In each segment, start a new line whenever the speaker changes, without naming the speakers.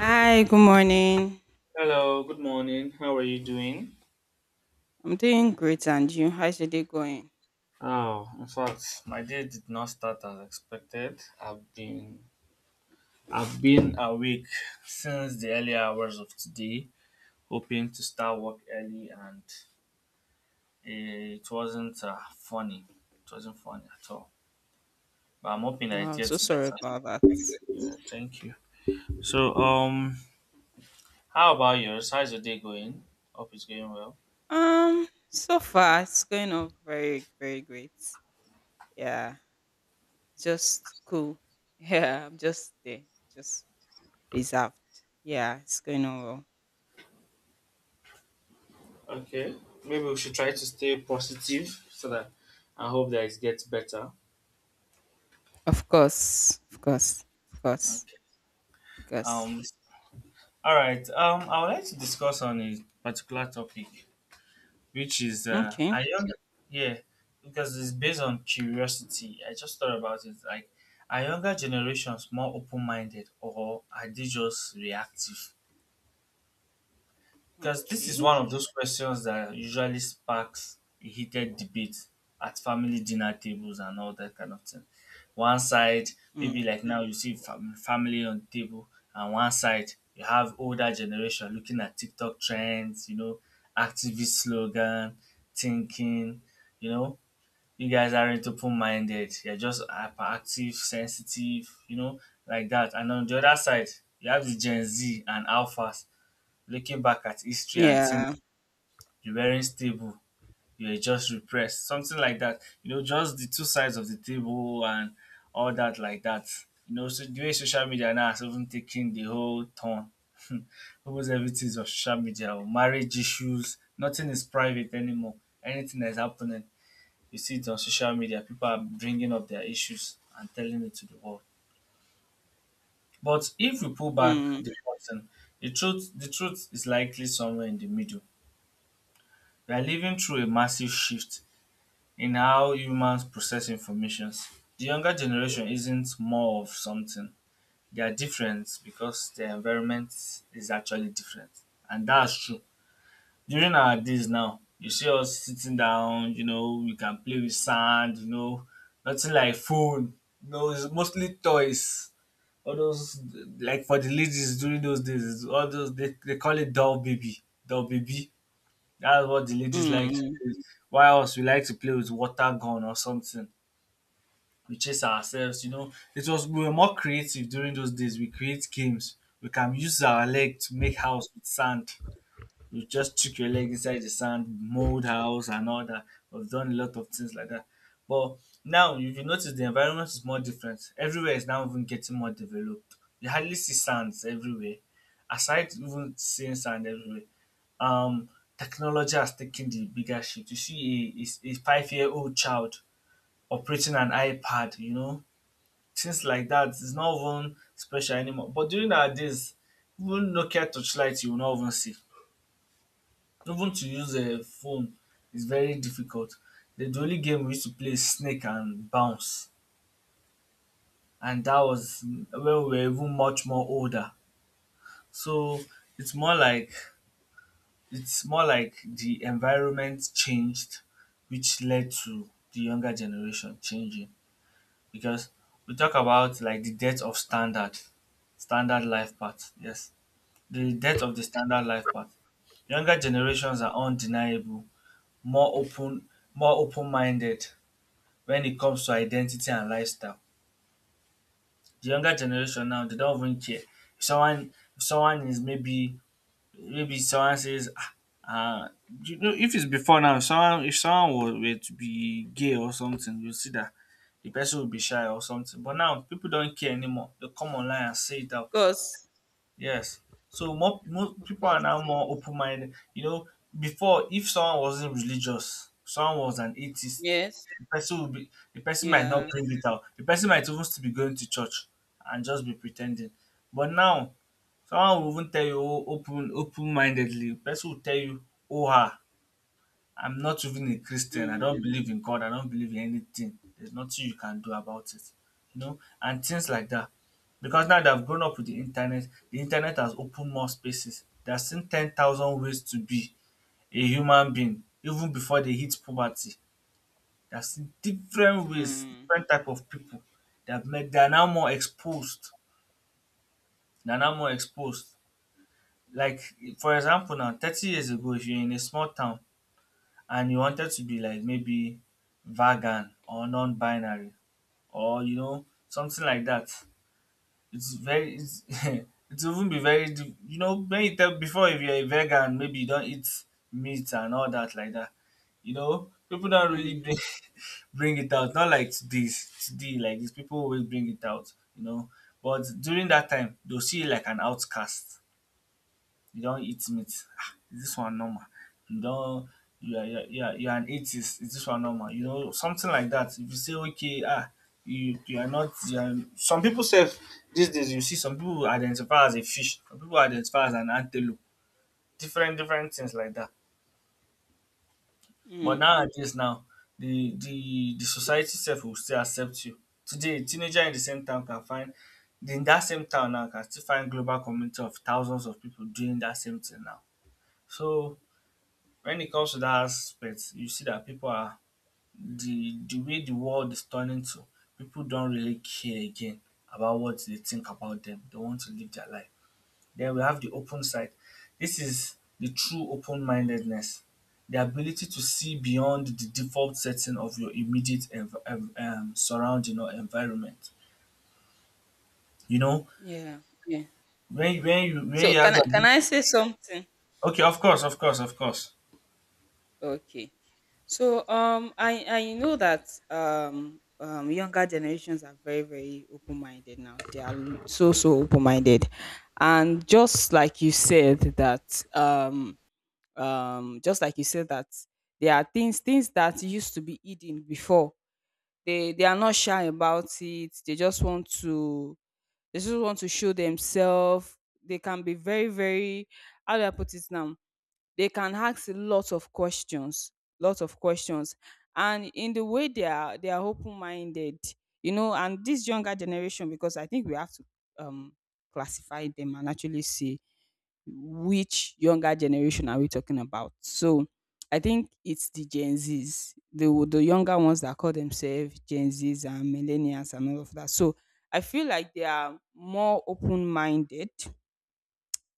Hi, good morning.
Hello, good morning. How are you doing?
I'm doing great, and you? How's your day going?
Oh, in fact, my day did not start as expected. I've been awake since the early hours of today, hoping to start work early, and it wasn't funny. It wasn't funny at all. But I'm hoping that it
Wow, so
gets
sorry
better.
about that.
Yeah, thank you. So, how about yours? How's your day going? Hope it's going well.
So far it's going on very, very great. Yeah, just cool. Yeah, I'm just there, just reserved. Yeah, it's going on well.
Okay, maybe we should try to stay positive so that I hope that it gets better.
Of course, of course, of course,
Okay.
of course.
Um, all right. I would like to discuss on a particular topic, which is I
Okay,
young yeah, because it's based on curiosity. I just thought about it. Like, are younger generations more open minded, or are they just reactive? Because this is
okay.
one of those questions that usually sparks a heated debate at family dinner tables and all that kind of thing. One side, maybe
Mm.
like now you see family on the table, and one side you have older generation looking at TikTok trends, you know, activist slogan, thinking, you know, you guys aren't open-minded. You're just hyperactive, sensitive, you know, like that. And on the other side, you have the Gen Z and Alpha looking back at history and think
Yeah.
you weren't stable, you were just repressed, something like that. You know, just the two sides of the table and all that, like that. You know, so the way social media now has even taken the whole turn. Almost everything is on social media, or marriage issues, nothing is private anymore. Anything that's happening, you see it on social media. People are bringing up their issues and telling it to the world. But if we pull back
Mm,
the curtain, the truth is likely somewhere in the middle. We are living through a massive shift in how humans process information. The younger generation isn't more of something. They are different because their environment is actually different. And that's true. During our days now, you see us sitting down, you know, we can play with sand, you know, nothing like phone. No, it's mostly toys. All those, like for the ladies during those days, it's all those they call it doll baby. Doll baby. That's what the ladies like
mm.
to
Mm.
do. While us, we like to play with water gun or something. We chase ourselves, you know. It was we were more creative during those days. We create games. We can use our leg to make house with sand. You just stick your leg inside the sand, mold house and all that. We've done a lot of things like that. But now, if you notice, the environment is more different. Everywhere is now even getting more developed. You hardly see sands everywhere. Aside even seeing sand everywhere, um, technology has taken the bigger shift. You see a 5 year old child operating an iPad, you know, things like that. It's not even special anymore. But during our days, even Nokia touchlight, you will not even see. Even to use a phone is very difficult. The only game we used to play is Snake and Bounce, and that was when we were even much more older. So it's more like it's more like the environment changed, which led to the younger generation changing. Because we talk about like the death of standard, standard life path. Yes, the death of the standard life path. Younger generations are undeniable, more open-minded when it comes to identity and lifestyle. The younger generation now they don't even care if someone is maybe maybe someone says ah, uh, you know, if it's before now, if someone was were to be gay or something, you'll see that the person will be shy or something. But now people don't care anymore. They come online and say it
Of
out.
course,
Yes. So more
of
people are
course.
now more open minded. You know, before if someone wasn't religious, someone was an atheist,
Yes.
the person might not
Yeah.
bring it out. The person might even still be going to church and just be pretending. But now someone will even tell you open open mindedly. Person will tell you, "Oh, I'm not even a Christian. I don't
Mm.
believe in God. I don't believe in anything. There's nothing you can do about it." You know, and things like that. Because now they've grown up with the internet. The internet has opened more spaces. They've seen 10,000 ways to be a human being, even before they hit poverty. They've seen different ways,
Mm,
different type of people. They've met. They're now more exposed. They're now more exposed, like for example now 30 years ago if you're in a small town and you wanted to be like maybe vegan or non-binary or you know something like that it's very it's it will even be very you know when you tell before if you're a vegan maybe you don't eat meat and all that like that you know people don't really
mm,
bring, bring it out not like this today like these people always bring it out you know but during that time they'll see you like an outcast. You don eat meat, ah, is this one normal? You don you are an atheist, is this one normal? You know something like that. If you say okay, ah, you are not, you are, some people say these days you see some people identify as a fish, some people identify as an antelope, different things like that. But
mm.
nowadays now the society itself will still accept you. Today a teenager in the same town can find, in that same town now can still find global community of thousands of people doing that same thing now. So when it comes to that aspect, you see that people are the way the world is turning to, people don't really care again about what they think about them. They want to live their life. Then we have the open side. This is the true open-mindedness, the ability to see beyond the default setting of your immediate surrounding or environment. You know,
Yeah, yeah. So
when you have
can I can
that.
I say something?
Okay, of course, of course, of course.
Okay. So I know that younger generations are very, very open minded now. They are so, so open minded, and just like you said that just like you said that there are things that used to be hidden before. They are not shy about it. They just want to They just want to show themselves. They can be very, very, how do I put it now? They can ask lots of questions, lots of questions. And in the way they are open-minded, you know. And this younger generation, because I think we have to um, classify them and actually see, which younger generation are we talking about? So I think it's the Gen Zs, the younger ones that call themselves Gen Zs and millennials and all of that. So I feel like they are more open minded,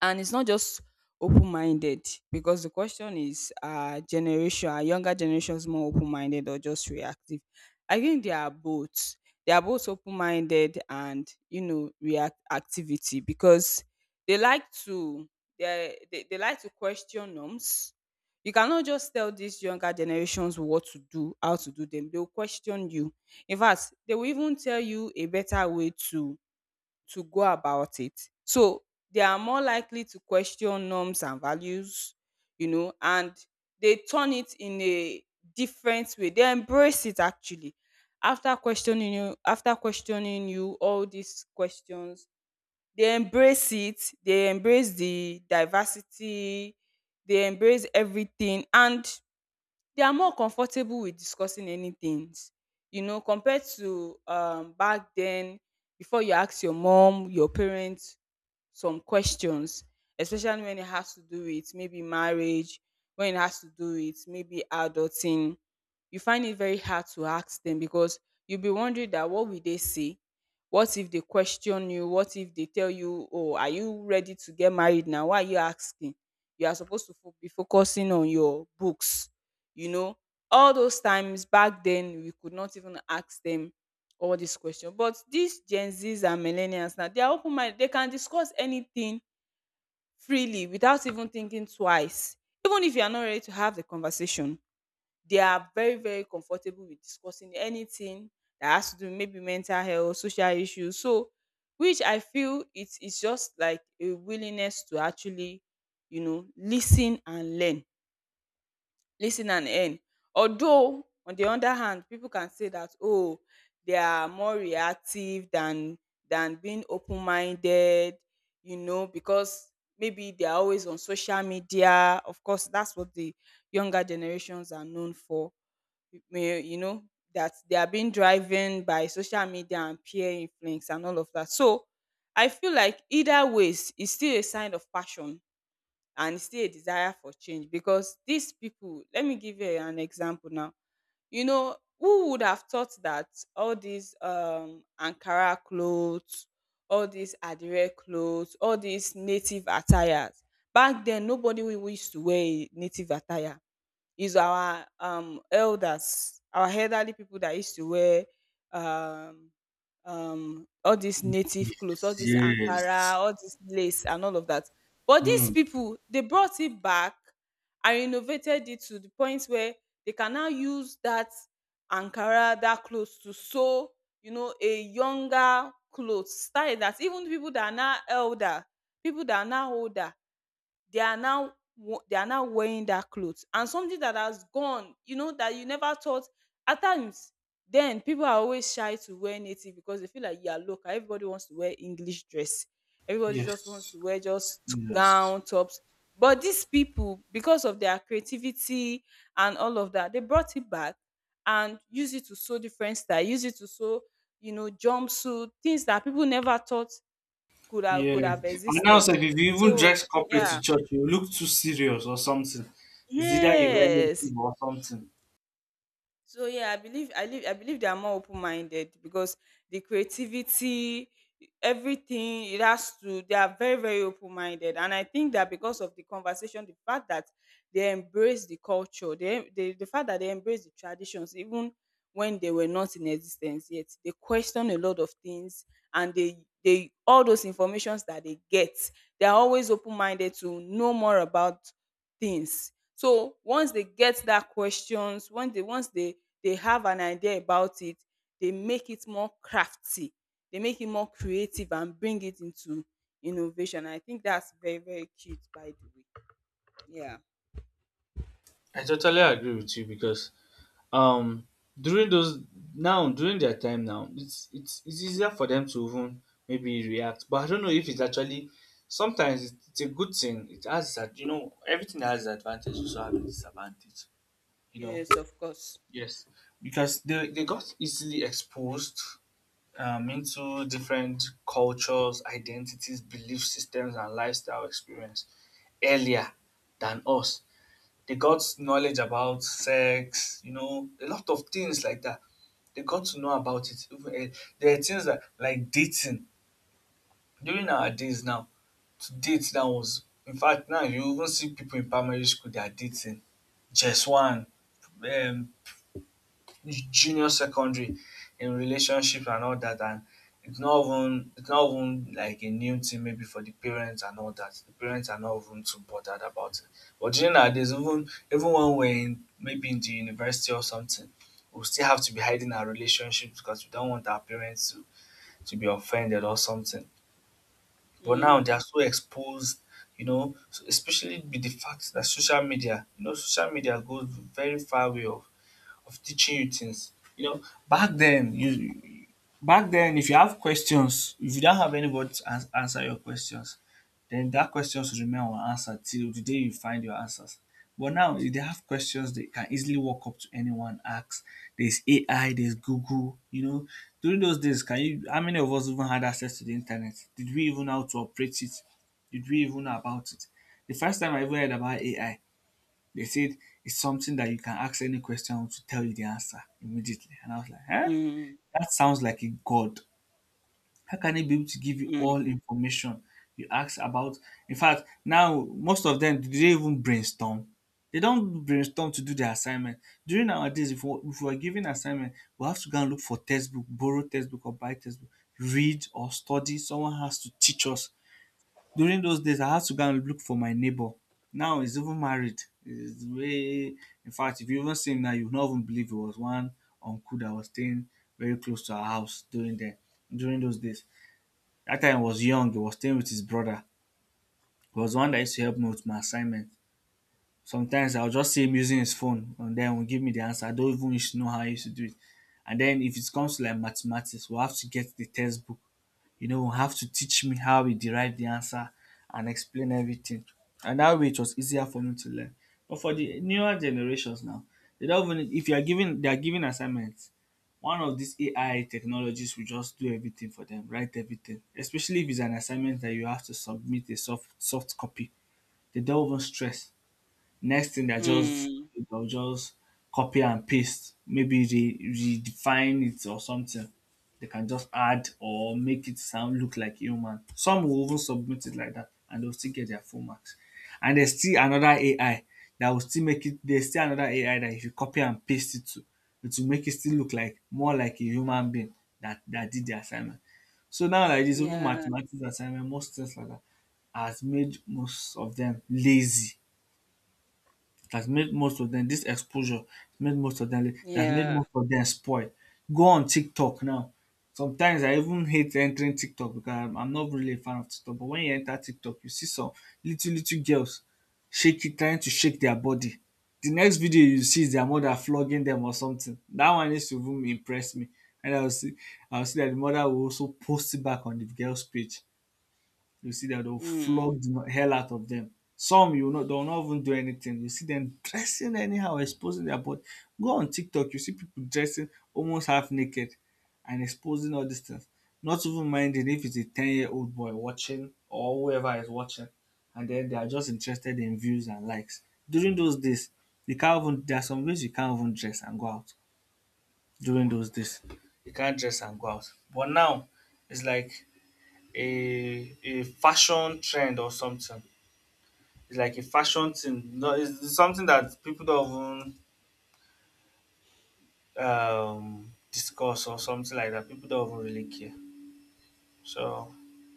and it's not just open-minded, because the question is generation, are younger generations more open-minded or just reactive? I think they are both. They are both open-minded and, you know, react activity, because they like to, they like to question norms. You cannot just tell these younger generations what to do, how to do them. They'll question you. In fact, they will even tell you a better way to go about it. So they are more likely to question norms and values, you know, and they turn it in a different way. They embrace it actually. After questioning you all these questions, they embrace it, they embrace the diversity, they embrace everything, and they are more comfortable with discussing any things, you know, compared to back then. Before, you ask your mom, your parents some questions, especially when it has to do with maybe marriage, when it has to do with maybe adulting, you find it very hard to ask them, because you'll be wondering that what will they say? What if they question you? What if they tell you, oh, are you ready to get married now? Why are you asking? You are supposed to be focusing on your books. You know, all those times back then, we could not even ask them all these questions. But these Gen Zs and millennials now, they are open minded. They can discuss anything freely without even thinking twice, even if you are not ready to have the conversation. They are very, very comfortable with discussing anything that has to do with maybe mental health, social issues. So, which I feel it's just like a willingness to actually, you know, listen and learn, listen and earn. Although on the other hand, people can say that, oh, they are more reactive than being open minded, you know, because maybe they are always on social media. Of course, that's what the younger generations are known for. May You know that they are being driven by social media and peer influence and all of that. So I feel like either ways is still a sign of passion, and it's still a desire for change. Because these people, let me give you an example now. You know who would have thought that all these Ankara clothes, all these Adire clothes, all these native attires? Back then nobody, we used to wear a native attire. Is our elders, our elderly people that used to wear um all these native clothes, all
Yes.
this Ankara,
Yes.
all this lace and all of that. But these
Mm.
people, they brought it back and renovated it to the point where they can now use that Ankara, that clothes to sew, you know, a younger clothes style, that even people that are now elder, people that are now older, they are now they are now wearing that clothes. And something that has gone, you know, that you never thought. At times then, people are always shy to wear native, because they feel like, yeah, look, everybody wants to wear English dress, everybody just wants
Yes.
to wear just
Yes.
gown tops. But these people, because of their creativity and all of that, they brought it back and use it to sew different style, use it to sew, you know, jumpsuit, things that people never thought could
Yeah.
have
And now,
existed.
sef, if you even
So
dress corporate to
yeah.
church, you look too serious or something. It's either a
Yes.
relative or something.
So yeah, I believe I believe they are more open minded, because the creativity, everything it has to, they are very, very open minded. And I think that because of the conversation, the fact that they embrace the culture, the fact that they embrace the traditions, even when they were not in existence yet, they question a lot of things, and they all those informations that they get, they are always open minded to know more about things. So once they get that questions, once they they have an idea about it, they make it more crafty. They make it more creative and bring it into innovation. I think that's very, very cute. By the way, yeah,
I totally agree with you because um during those, now during their time now it's easier for them to even maybe react, but I don't know if it's actually sometimes, it's a good thing. It has that, you know, everything has its advantage also have its disadvantage, you know.
yes, of course.
Yes, because they got easily exposed, into different cultures, identities, belief systems, and lifestyle experience earlier than us. They got knowledge about sex, you know, a lot of things like that. They got to know about it. Even, there are things that, like dating. During our days now, to date that was, in fact, now you even see people in primary school they are dating. Just one, um, junior secondary in relationship and all that, and it's not even like a new thing maybe for the parents and all that. The parents are not even too bothered about it. But you know nowadays even when we're in maybe in the university or something, we still have to be hiding our relationships because we don't want our parents to be offended or something. But now they
Mm,
are so exposed, you know, so especially with the fact that social media, you know, social media goes very far way of teaching you things. You know, back then you back then if you have questions, if you don't have anybody to answer your questions, then that question should remain unanswered till the day you find your answers. But now if they have questions they can easily walk up to anyone, ask. There's AI, there's Google, you know. During those days, can you, how many of us even had access to the internet? Did we even know how to operate it? Did we even know about it? The first time I ever heard about AI they said it's something that you can ask any question to tell you the answer immediately. And I was like, eh?
mm,
That sounds like a god. How can he be able to give you
mm,
all information you ask about? In fact, now most of them do they even brainstorm? They don't brainstorm to do their assignment. During our days, if we are given assignment, we have to go and look for textbook, borrow textbook or buy textbook, read or study. Someone has to teach us during those days, I had to go and look for my neighbor. Now he's even married. He's way, in fact, if you even see him now, you would not even believe it was one uncle that was staying very close to our house during those days. That time I was young, he was staying with his brother. He was the one that used to help me with my assignment. Sometimes I'll just see him using his phone and then will give me the answer. I don't even wish to know how he used to do it. And then if it comes to like mathematics, we'll have to get the textbook, have to teach me how he derived the answer and explain everything. And that way it was easier for me to learn. But for the newer generations now, they don't even if you are giving they are giving assignments, one of these AI technologies will just do everything for them, write everything. Especially if it's an assignment that you have to submit a soft copy. They don't even stress. Next thing they're just,
mm.
they'll just copy and paste. Maybe they redefine it or something. They can just add or make it sound look like human. Some will even submit it like that and they'll still get their full marks. And there's still another AI that will still make it, there's still another AI that if you copy and paste it to, it will make it still look like more like a human being that did the assignment. So now like this, even
Yeah,
mathematics assignment, most things like that has made most of them lazy, that's made most of them. This exposure made most of them, that's made
yeah.
most of them spoil. Go on TikTok now. Sometimes I even hate entering TikTok because I'm not really a fan of TikTok. But when you enter TikTok, you see some little girls shaking, trying to shake their body. The next video you see is their mother flogging them or something. That one used to even impress me. And I will see that the mother will also post it back on the girl's page. You see that they'll
Mm.
flog the hell out of them. Some, you know, do not even do anything. You see them dressing anyhow, exposing their body. Go on TikTok, you see people dressing almost half naked and exposing all these things. Not even minding if it's a 10-year-old boy watching or whoever is watching, and then they are just interested in views and likes. During those days, you can't even there are some ways you can't even dress and go out during those days. You can't dress and go out. But now it's like a fashion trend or something. It's like a fashion thing. No, it's something that people don't even discuss or something like that. People don't even really care. So,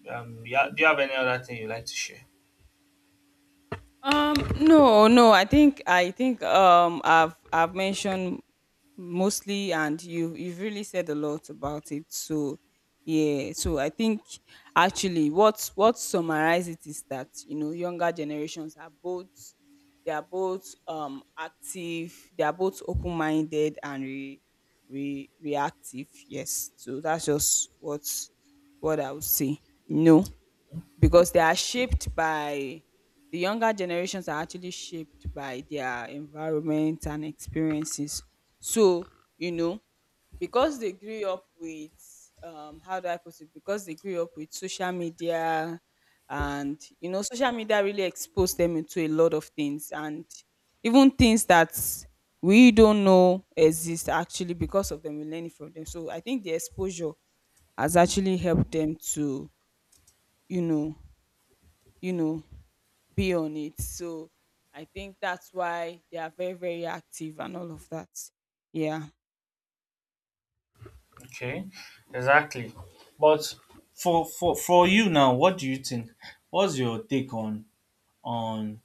yeah, do you have any other thing you like to share?
No, no. I think I've mentioned mostly, and you you've really said a lot about it. So yeah, so I think actually what summarizes it is that, you know, younger generations are both, they are both active, they are both open minded and re, re reactive. Yes, so that's just what I would say. No, because they are shaped by the younger generations are actually shaped by their environment and experiences. So, you know, because they grew up with how do I put it? Because they grew up with social media, and, you know, social media really exposed them into a lot of things, and even things that we don't know exist, actually because of them, we learn it from them. So I think the exposure has actually helped them to, you know, you know, be on it. So I think that's why they are very, very active and all of that. Yeah.
Okay, exactly. But for you now, what do you think? What's your take on on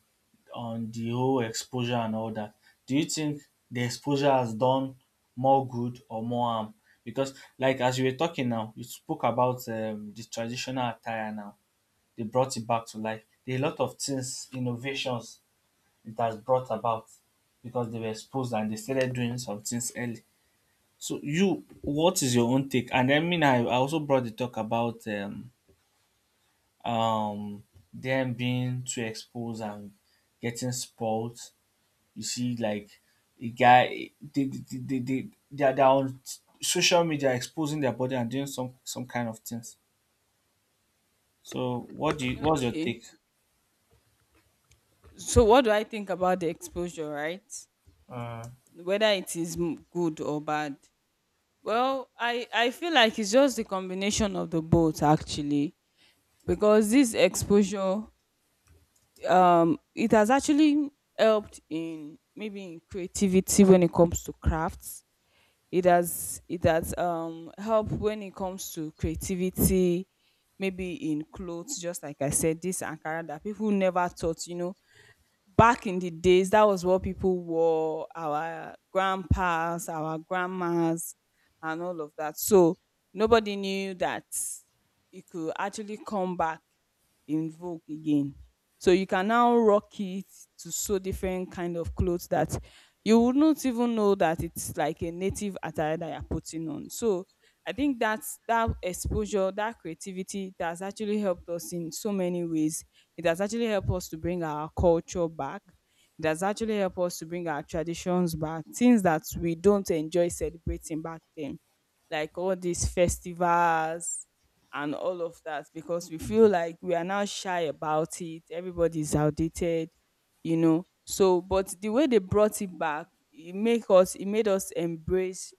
on the whole exposure and all that, do you think the exposure has done more good or more harm? Because, like as you were talking now, you spoke about the traditional attire now. They brought it back to life. There are a lot of things, innovations it has brought about because they were exposed and they started doing some things early. So, you, what is your own take? And I mean, I also brought the talk about um, them being too exposed and getting spoiled, you see, like a guy, they're on social media exposing their body and doing some kind of things. So, what do you, what's your
Okay.
take?
So what do I think about the exposure, right?
Uh,
Whether it is good or bad. Well, I feel like it's just the combination of the both actually. Because this exposure it has actually helped in maybe in creativity when it comes to crafts. It has helped when it comes to creativity, maybe in clothes. Just like I said, this Ankara that people never thought, you know, back in the days, that was what people wore, our grandpas, our grandmas, and all of that. So nobody knew that it could actually come back in vogue again. So you can now rock it to so different kind of clothes, that you would not even know that it's like a native attire that you're putting on. So I think that's that exposure, that creativity that has actually helped us in so many ways. It has actually helped us to bring our culture back. It has actually helped us to bring our traditions back, things that we don't enjoy celebrating back then, like all these festivals and all of that, because we feel like we are now shy about it. Everybody's outdated, you know. So, but the way they brought it back, it made us embrace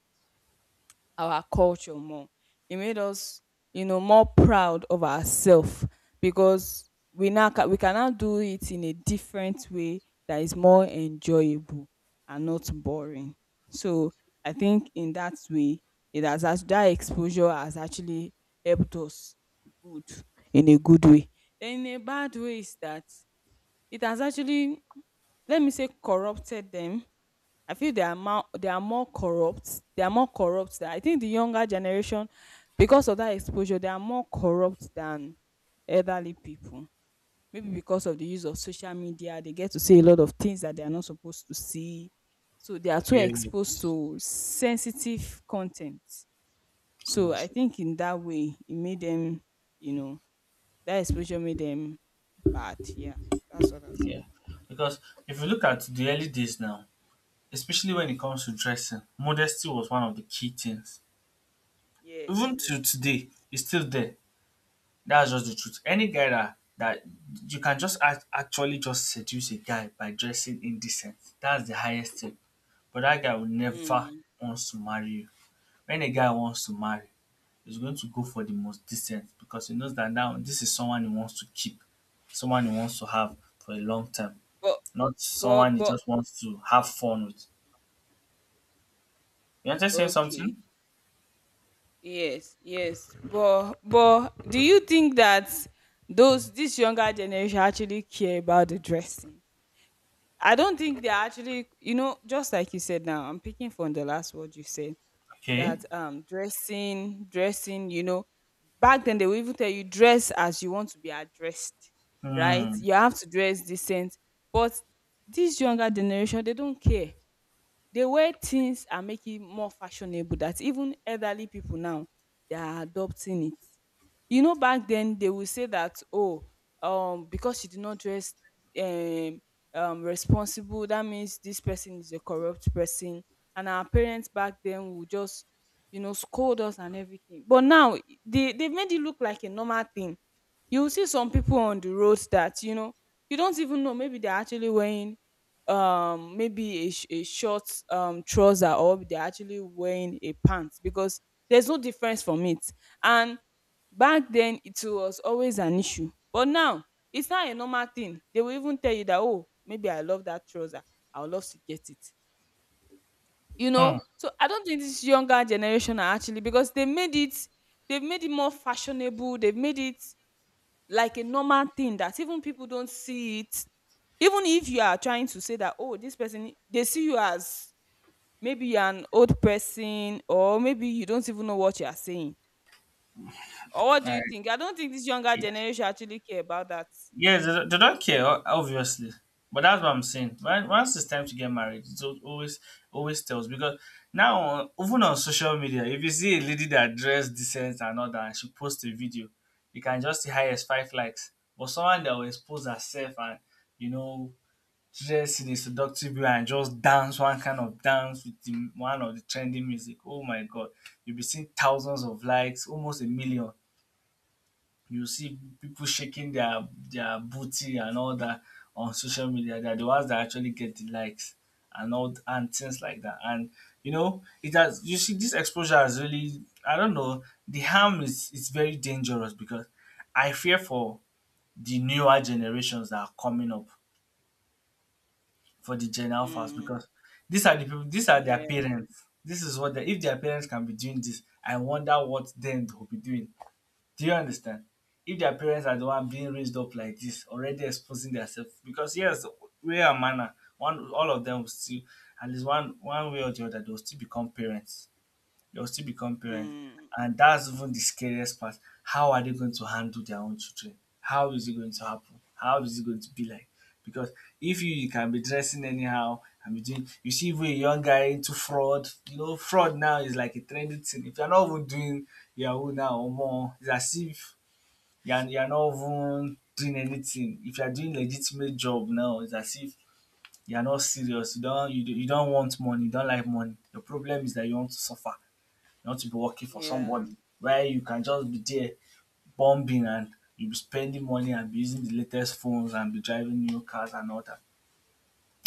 our culture more. It made us, you know, more proud of ourselves, because we can now do it in a different way that is more enjoyable and not boring. So I think in that way, that exposure has actually helped us good in a good way. Then in a bad way is that it has actually, let me say, corrupted them. I feel they are more, they are more corrupt. They are more corrupt than, I think the younger generation, because of that exposure, they are more corrupt than elderly people. Maybe because of the use of social media, they get to see a lot of things that they are not supposed to see. So they are too
yeah, yeah.
exposed to sensitive content. So I think in that way, it made them, you know, that exposure made them bad. Yeah, that's what I'm saying.
Yeah, because if you look at the early days now, especially when it comes to dressing, modesty was one of the key things.
Yes,
Even to
yes,
today,
yes.
it's still there. That's just the truth. Any guy that that you can just actually just seduce a guy by dressing indecent. That's the highest thing. But that guy will never
Mm.
wants to marry you. When a guy wants to marry, he's going to go for the most decent because he knows that now this is someone he wants to keep, someone he wants to have for a long time,
But
not
but
someone he
but
just wants to have fun with. You understand saying
Okay.
something?
Yes, yes. But do you think that those this younger generation actually care about the dressing? I don't think they're actually just like you said now, I'm picking from the last word you said
Okay.
that dressing, dressing, back then they will even tell you dress as you want to be addressed, right?
Hmm.
You have to dress decent. But this younger generation, they don't care. The way things are making more fashionable that even elderly people now they are adopting it. You know, back then they will say that, oh, because she did not dress um responsible, that means this person is a corrupt person, and our parents back then would just, you know, scold us and everything. But now they've made it look like a normal thing. You will see some people on the roads that, you know, you don't even know, maybe they're actually wearing maybe a short trouser, or they're actually wearing a pants, because there's no difference from it. And back then it was always an issue, but now it's not a normal thing. They will even tell you that, oh, maybe I love that trouser, I would love to get it, you
Hmm.
know.
All
So I don't think this younger generation are, actually, because they made it, they've made it more fashionable, they've made it like a normal thing, that even people don't see it. Even if you are trying to say that, oh, this person, they see you as maybe you're an old person, or maybe you don't even know what you are saying. Or what do you
right.
think? I don't think this younger generation actually care about that.
Yes, they don't care, obviously, but that's what I'm saying. When, once it's time to get married, it al- always always tells because now, even on social media, if you see a lady that dress decent and all that, and she posts a video, you can just see highest five likes. But someone that will expose herself and, you know, dress in a seductive way and just dance one kind of dance with the, one of the trending music, oh my god, you'll be seeing thousands of likes, almost a million. You see people shaking their booty and all that on social media. They're the ones that actually get the likes and and things like that. And you know, it has, you see this exposure has really, I don't know, the harm is very dangerous because I fear for the newer generations that are coming up, for the Gen Alphas,
Mm,
because these are the people, these are their
yeah.
parents. This is what they, if their parents can be doing this, I wonder what then they'll be doing. Do you understand? If their parents are the one being raised up like this, already exposing themselves, because yes, way and manner, one all of them will still, at least one way or the other, they will still become parents. They'll still become parents.
Mm,
And that's even the scariest part. How are they going to handle their own children? How is it going to happen? How is it going to be like? Because if you, you can be dressing anyhow and be doing, you see, even a young guy into fraud, you know, fraud now is like a trendy thing. If you're not even doing Yahoo now or more, it's as if you're not even doing anything. If you're doing legitimate job now, it's as if you're not serious. You don't want money. You don't like money. The problem is that you want to suffer, not to be working for
yeah.
somebody where you can just be there bombing and you'll be spending money and be using the latest phones and be driving new cars and all that.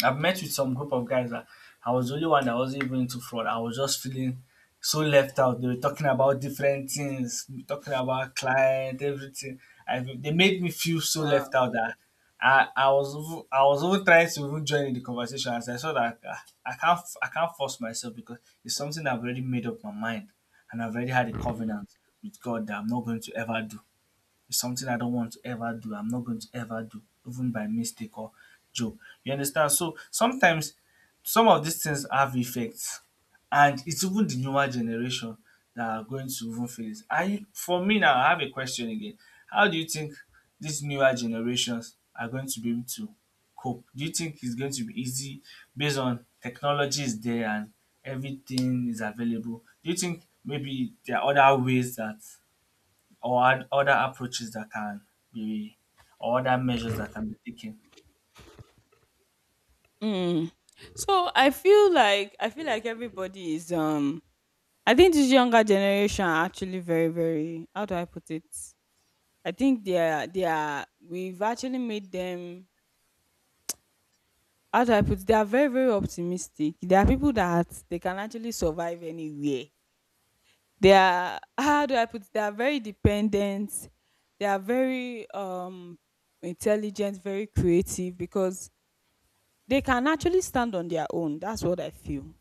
I've met with some group of guys that I was the only one that wasn't even into fraud. I was just feeling so left out. They were talking about different things, talking about client, everything. I, they made me feel so left
Wow.
out that I was even trying to even join in the conversation as I saw that ah, I can't force myself because it's something I've already made up my mind and I've already had a
Mm.
covenant with God that I'm not going to ever do. It's something I don't want to ever do. I'm not going to ever do, even by mistake or joke. You understand? So sometimes some of these things have effects, and it's even the newer generation that are going to even feel this. I, for me now, I have a question again. How do you think these newer generations are going to be able to cope? Do you think it's going to be easy based on technology is there and everything is available? Do you think maybe there are other ways that, or other approaches that can be, or other measures that can be taken.
Mm. So I feel like everybody is I think this younger generation are actually very, how do I put it? I think they are, we've actually made them, how do I put it? They are very, very optimistic. There are people that they can actually survive anywhere. They are, how do I put it? They are very dependent, they are very intelligent, very creative, because they can actually stand on their own. That's what I feel.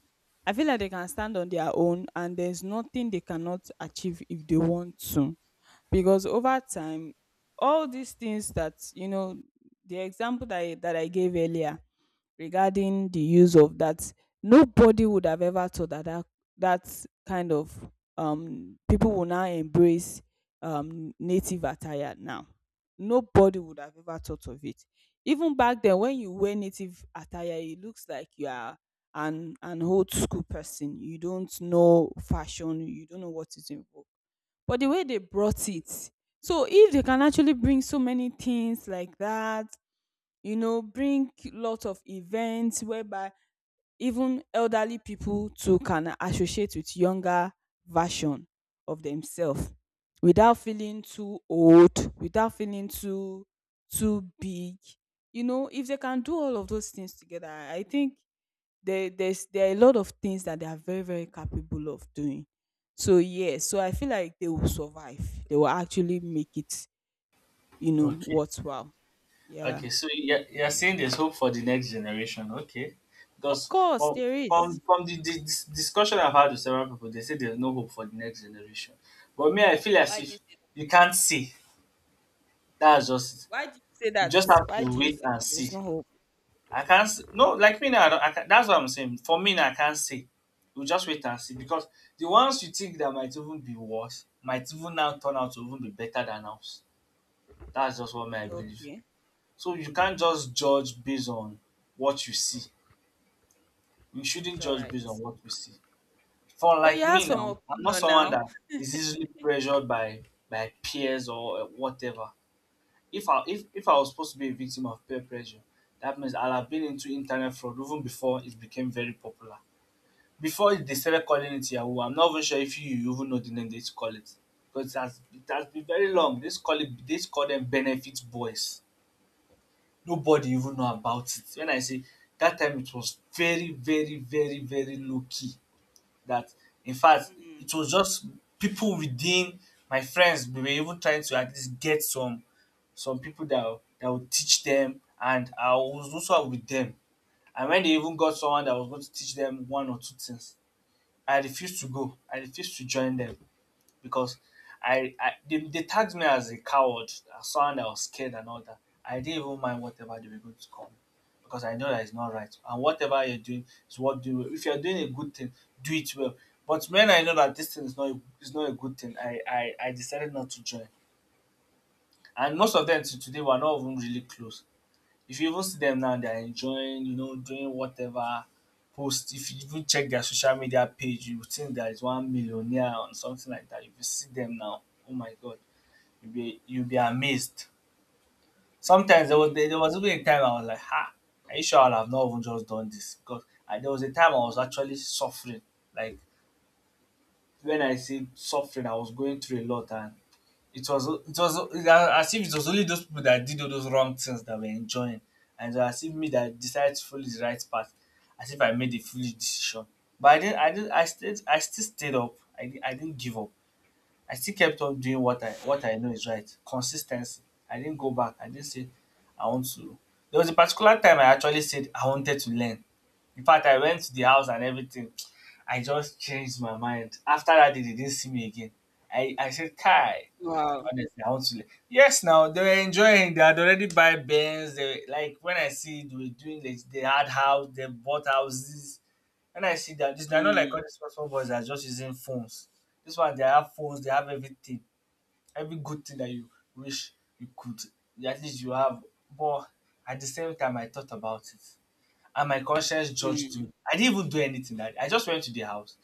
I feel like they can stand on their own, and there's nothing they cannot achieve if they want to. Because over time all these things that, you know, the example that I gave earlier regarding the use of that, nobody would have ever thought that that kind of people will now embrace native attire. Now nobody would have ever thought of it. Even back then when you wear native attire it looks like you are an old school person, you don't know fashion, you don't know what is involved. But the way they brought it, so if they can actually bring so many things like that, you know, bring lots of events whereby even elderly people too can associate with younger version of themselves, without feeling too old, without feeling too big, you know. If they can do all of those things together, I think there's there are a lot of things that they are very, very capable of doing. So yes, so I feel like they will survive, they will actually make it, you know,
Okay.
worthwhile. Yeah.
Okay. So you're saying there's hope for the next generation. Okay.
Of
Because
course
well,
there is.
from the discussion I've had with several people, they say there's no hope for the next generation. But me, I feel as
Why do
if
you say that?
you can't see. That's just it.
Why do you say
We
that?
just have
Why
to
do you
wait
say
and
that
see.
there's no hope?
I can't. No, like me now. I don't, I can, that's what I'm saying. For me now, I can't say. You just wait and see because the ones you think that might even be worse might even now turn out to even be better than us. That's just what my belief.
Okay.
So you can't just judge based on what you see. You shouldn't
It's all
judge
right.
based on what you see. For
But you
like
have
me
some
now, I'm not
opinion
someone
now.
that is easily pressured by peers or whatever. If I was supposed to be a victim of peer pressure, that means I'll have been into internet fraud even before it became very popular. Before they started calling it yahoo, I'm not even sure if you even know the name they used to call it. But it has been very long. They used to call them benefit boys. Nobody even know about it. When I say that time it was very, very, very, very low key. That in fact
Mm,
it was just people within my friends, we were even trying to at least get some people that will that would teach them, and I was also with them. And when they even got someone that was going to teach them one or two things, I refused to go. I refused to join them because they tagged me as a coward, as someone that was scared and all that. I didn't even mind whatever they were going to call me because I know that it's not right. And whatever you're doing is what do well. If you're doing a good thing, do it well. But when I know that this thing is not a good thing, I decided not to join. And most of them to today were not even really close. If you even see them now, they are enjoying, you know, doing whatever, post if you even check their social media page you would think there is one millionaire or something like that. If you see them now, oh my god, you be amazed. Sometimes there was
mm.
there was even a time I was like ha, are you sure I would have not even just done this? Because and there was a time I was actually suffering, like when I say suffering, I was going through a lot. And it's as if it was only those people that did all those wrong things that were enjoying, and it was as if me that decided to follow the right path, as if I made a foolish decision. But I didn't, I still stayed up. I didn't give up. I still kept on doing what I know is right. Consistency. I didn't go back. I didn't say I want to. There was a particular time I actually said I wanted to learn. In fact, I went to the house and everything. I just changed my mind. After that day they didn't see me again. I said kai.
Wow.
Honestly, I want to. Yes, now they were enjoying. They had already buy bands. They like when I see they were doing like they had house, they bought houses. When I see that, this they're not like
Mm,
all these small boys that are just using phones. This one they have phones, they have everything, every good thing that you wish you could. At least you have. But at the same time, I thought about it, and my conscience judged
mm.
me. I didn't even do anything. I just went to the house.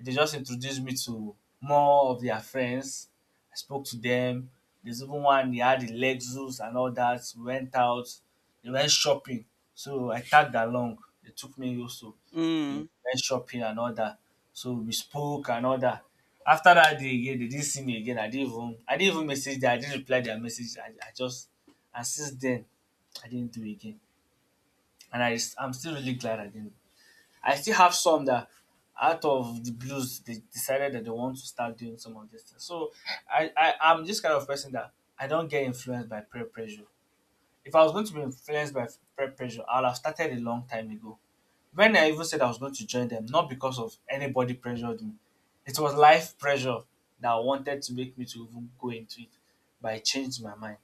They just introduced me to more of their friends. I spoke to them. There's even one they had the Lexus and all that. We went out. They went shopping. So I tagged along. They took me also. They
Mm.
went shopping and all that. So we spoke and all that. After that day again, they didn't see me again. I didn't even message them. I didn't reply their message. I just, and since then I didn't do it again. And I'm still really glad I didn't. I still have some that out of the blues they decided that they want to start doing some of this things. So I'm this kind of person that I don't get influenced by peer pressure. If I was going to be influenced
Mm.
by peer pressure, I'll have started a long time ago. When I even said I was going to join them, not because of anybody pressured me. It was life pressure that wanted to make me to even go into it, but I changed my mind.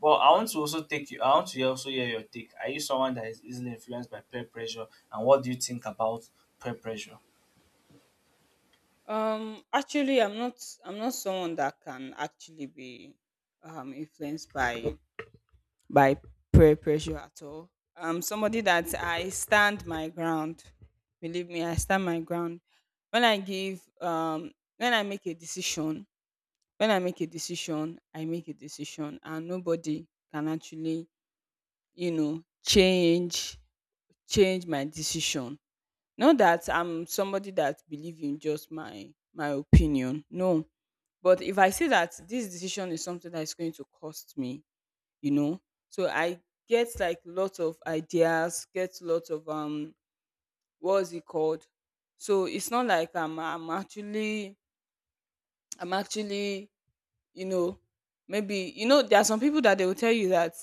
But I want to also take you. I want to also hear your take. Are you someone that is easily influenced by peer pressure, and what do you think about peer pressure?
Actually, I'm not. I'm not someone that can actually be influenced by peer pressure at all. I'm somebody that I stand my ground. Believe me, I stand my ground. When I give, when I make a decision, I make a decision, and nobody can actually, you know, change my decision. Not that I'm somebody that believe in just my opinion. No. But if I say that this decision is something that is going to cost me, you know, so I get like lots of ideas, get lots of what's it called? So it's not like I'm actually, you know, maybe you know, there are some people that they will tell you that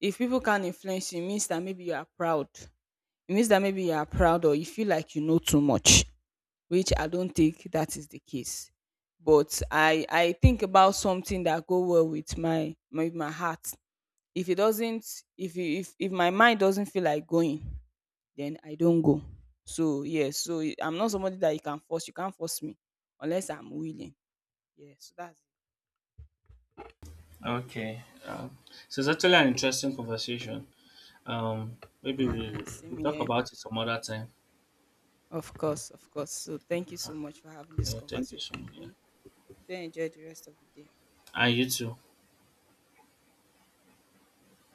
if people can't influence you, it means that maybe you are proud. It means that maybe you are proud, or you feel like you know too much, which I don't think that is the case. But I think about something that go well with my heart. If it doesn't, if my mind doesn't feel like going, then I don't go. So yes, I'm not somebody that you can force. You can't force me unless I'm willing. Yeah, so that's
Okay, so it's actually an interesting conversation. Um, Maybe we'll
same
talk
here.
about it some other time.
Of course, of course. So thank you so much for having this
Thank you so
conversation
much.
with
Yeah.
me. Do enjoy the rest of the day.
And you too.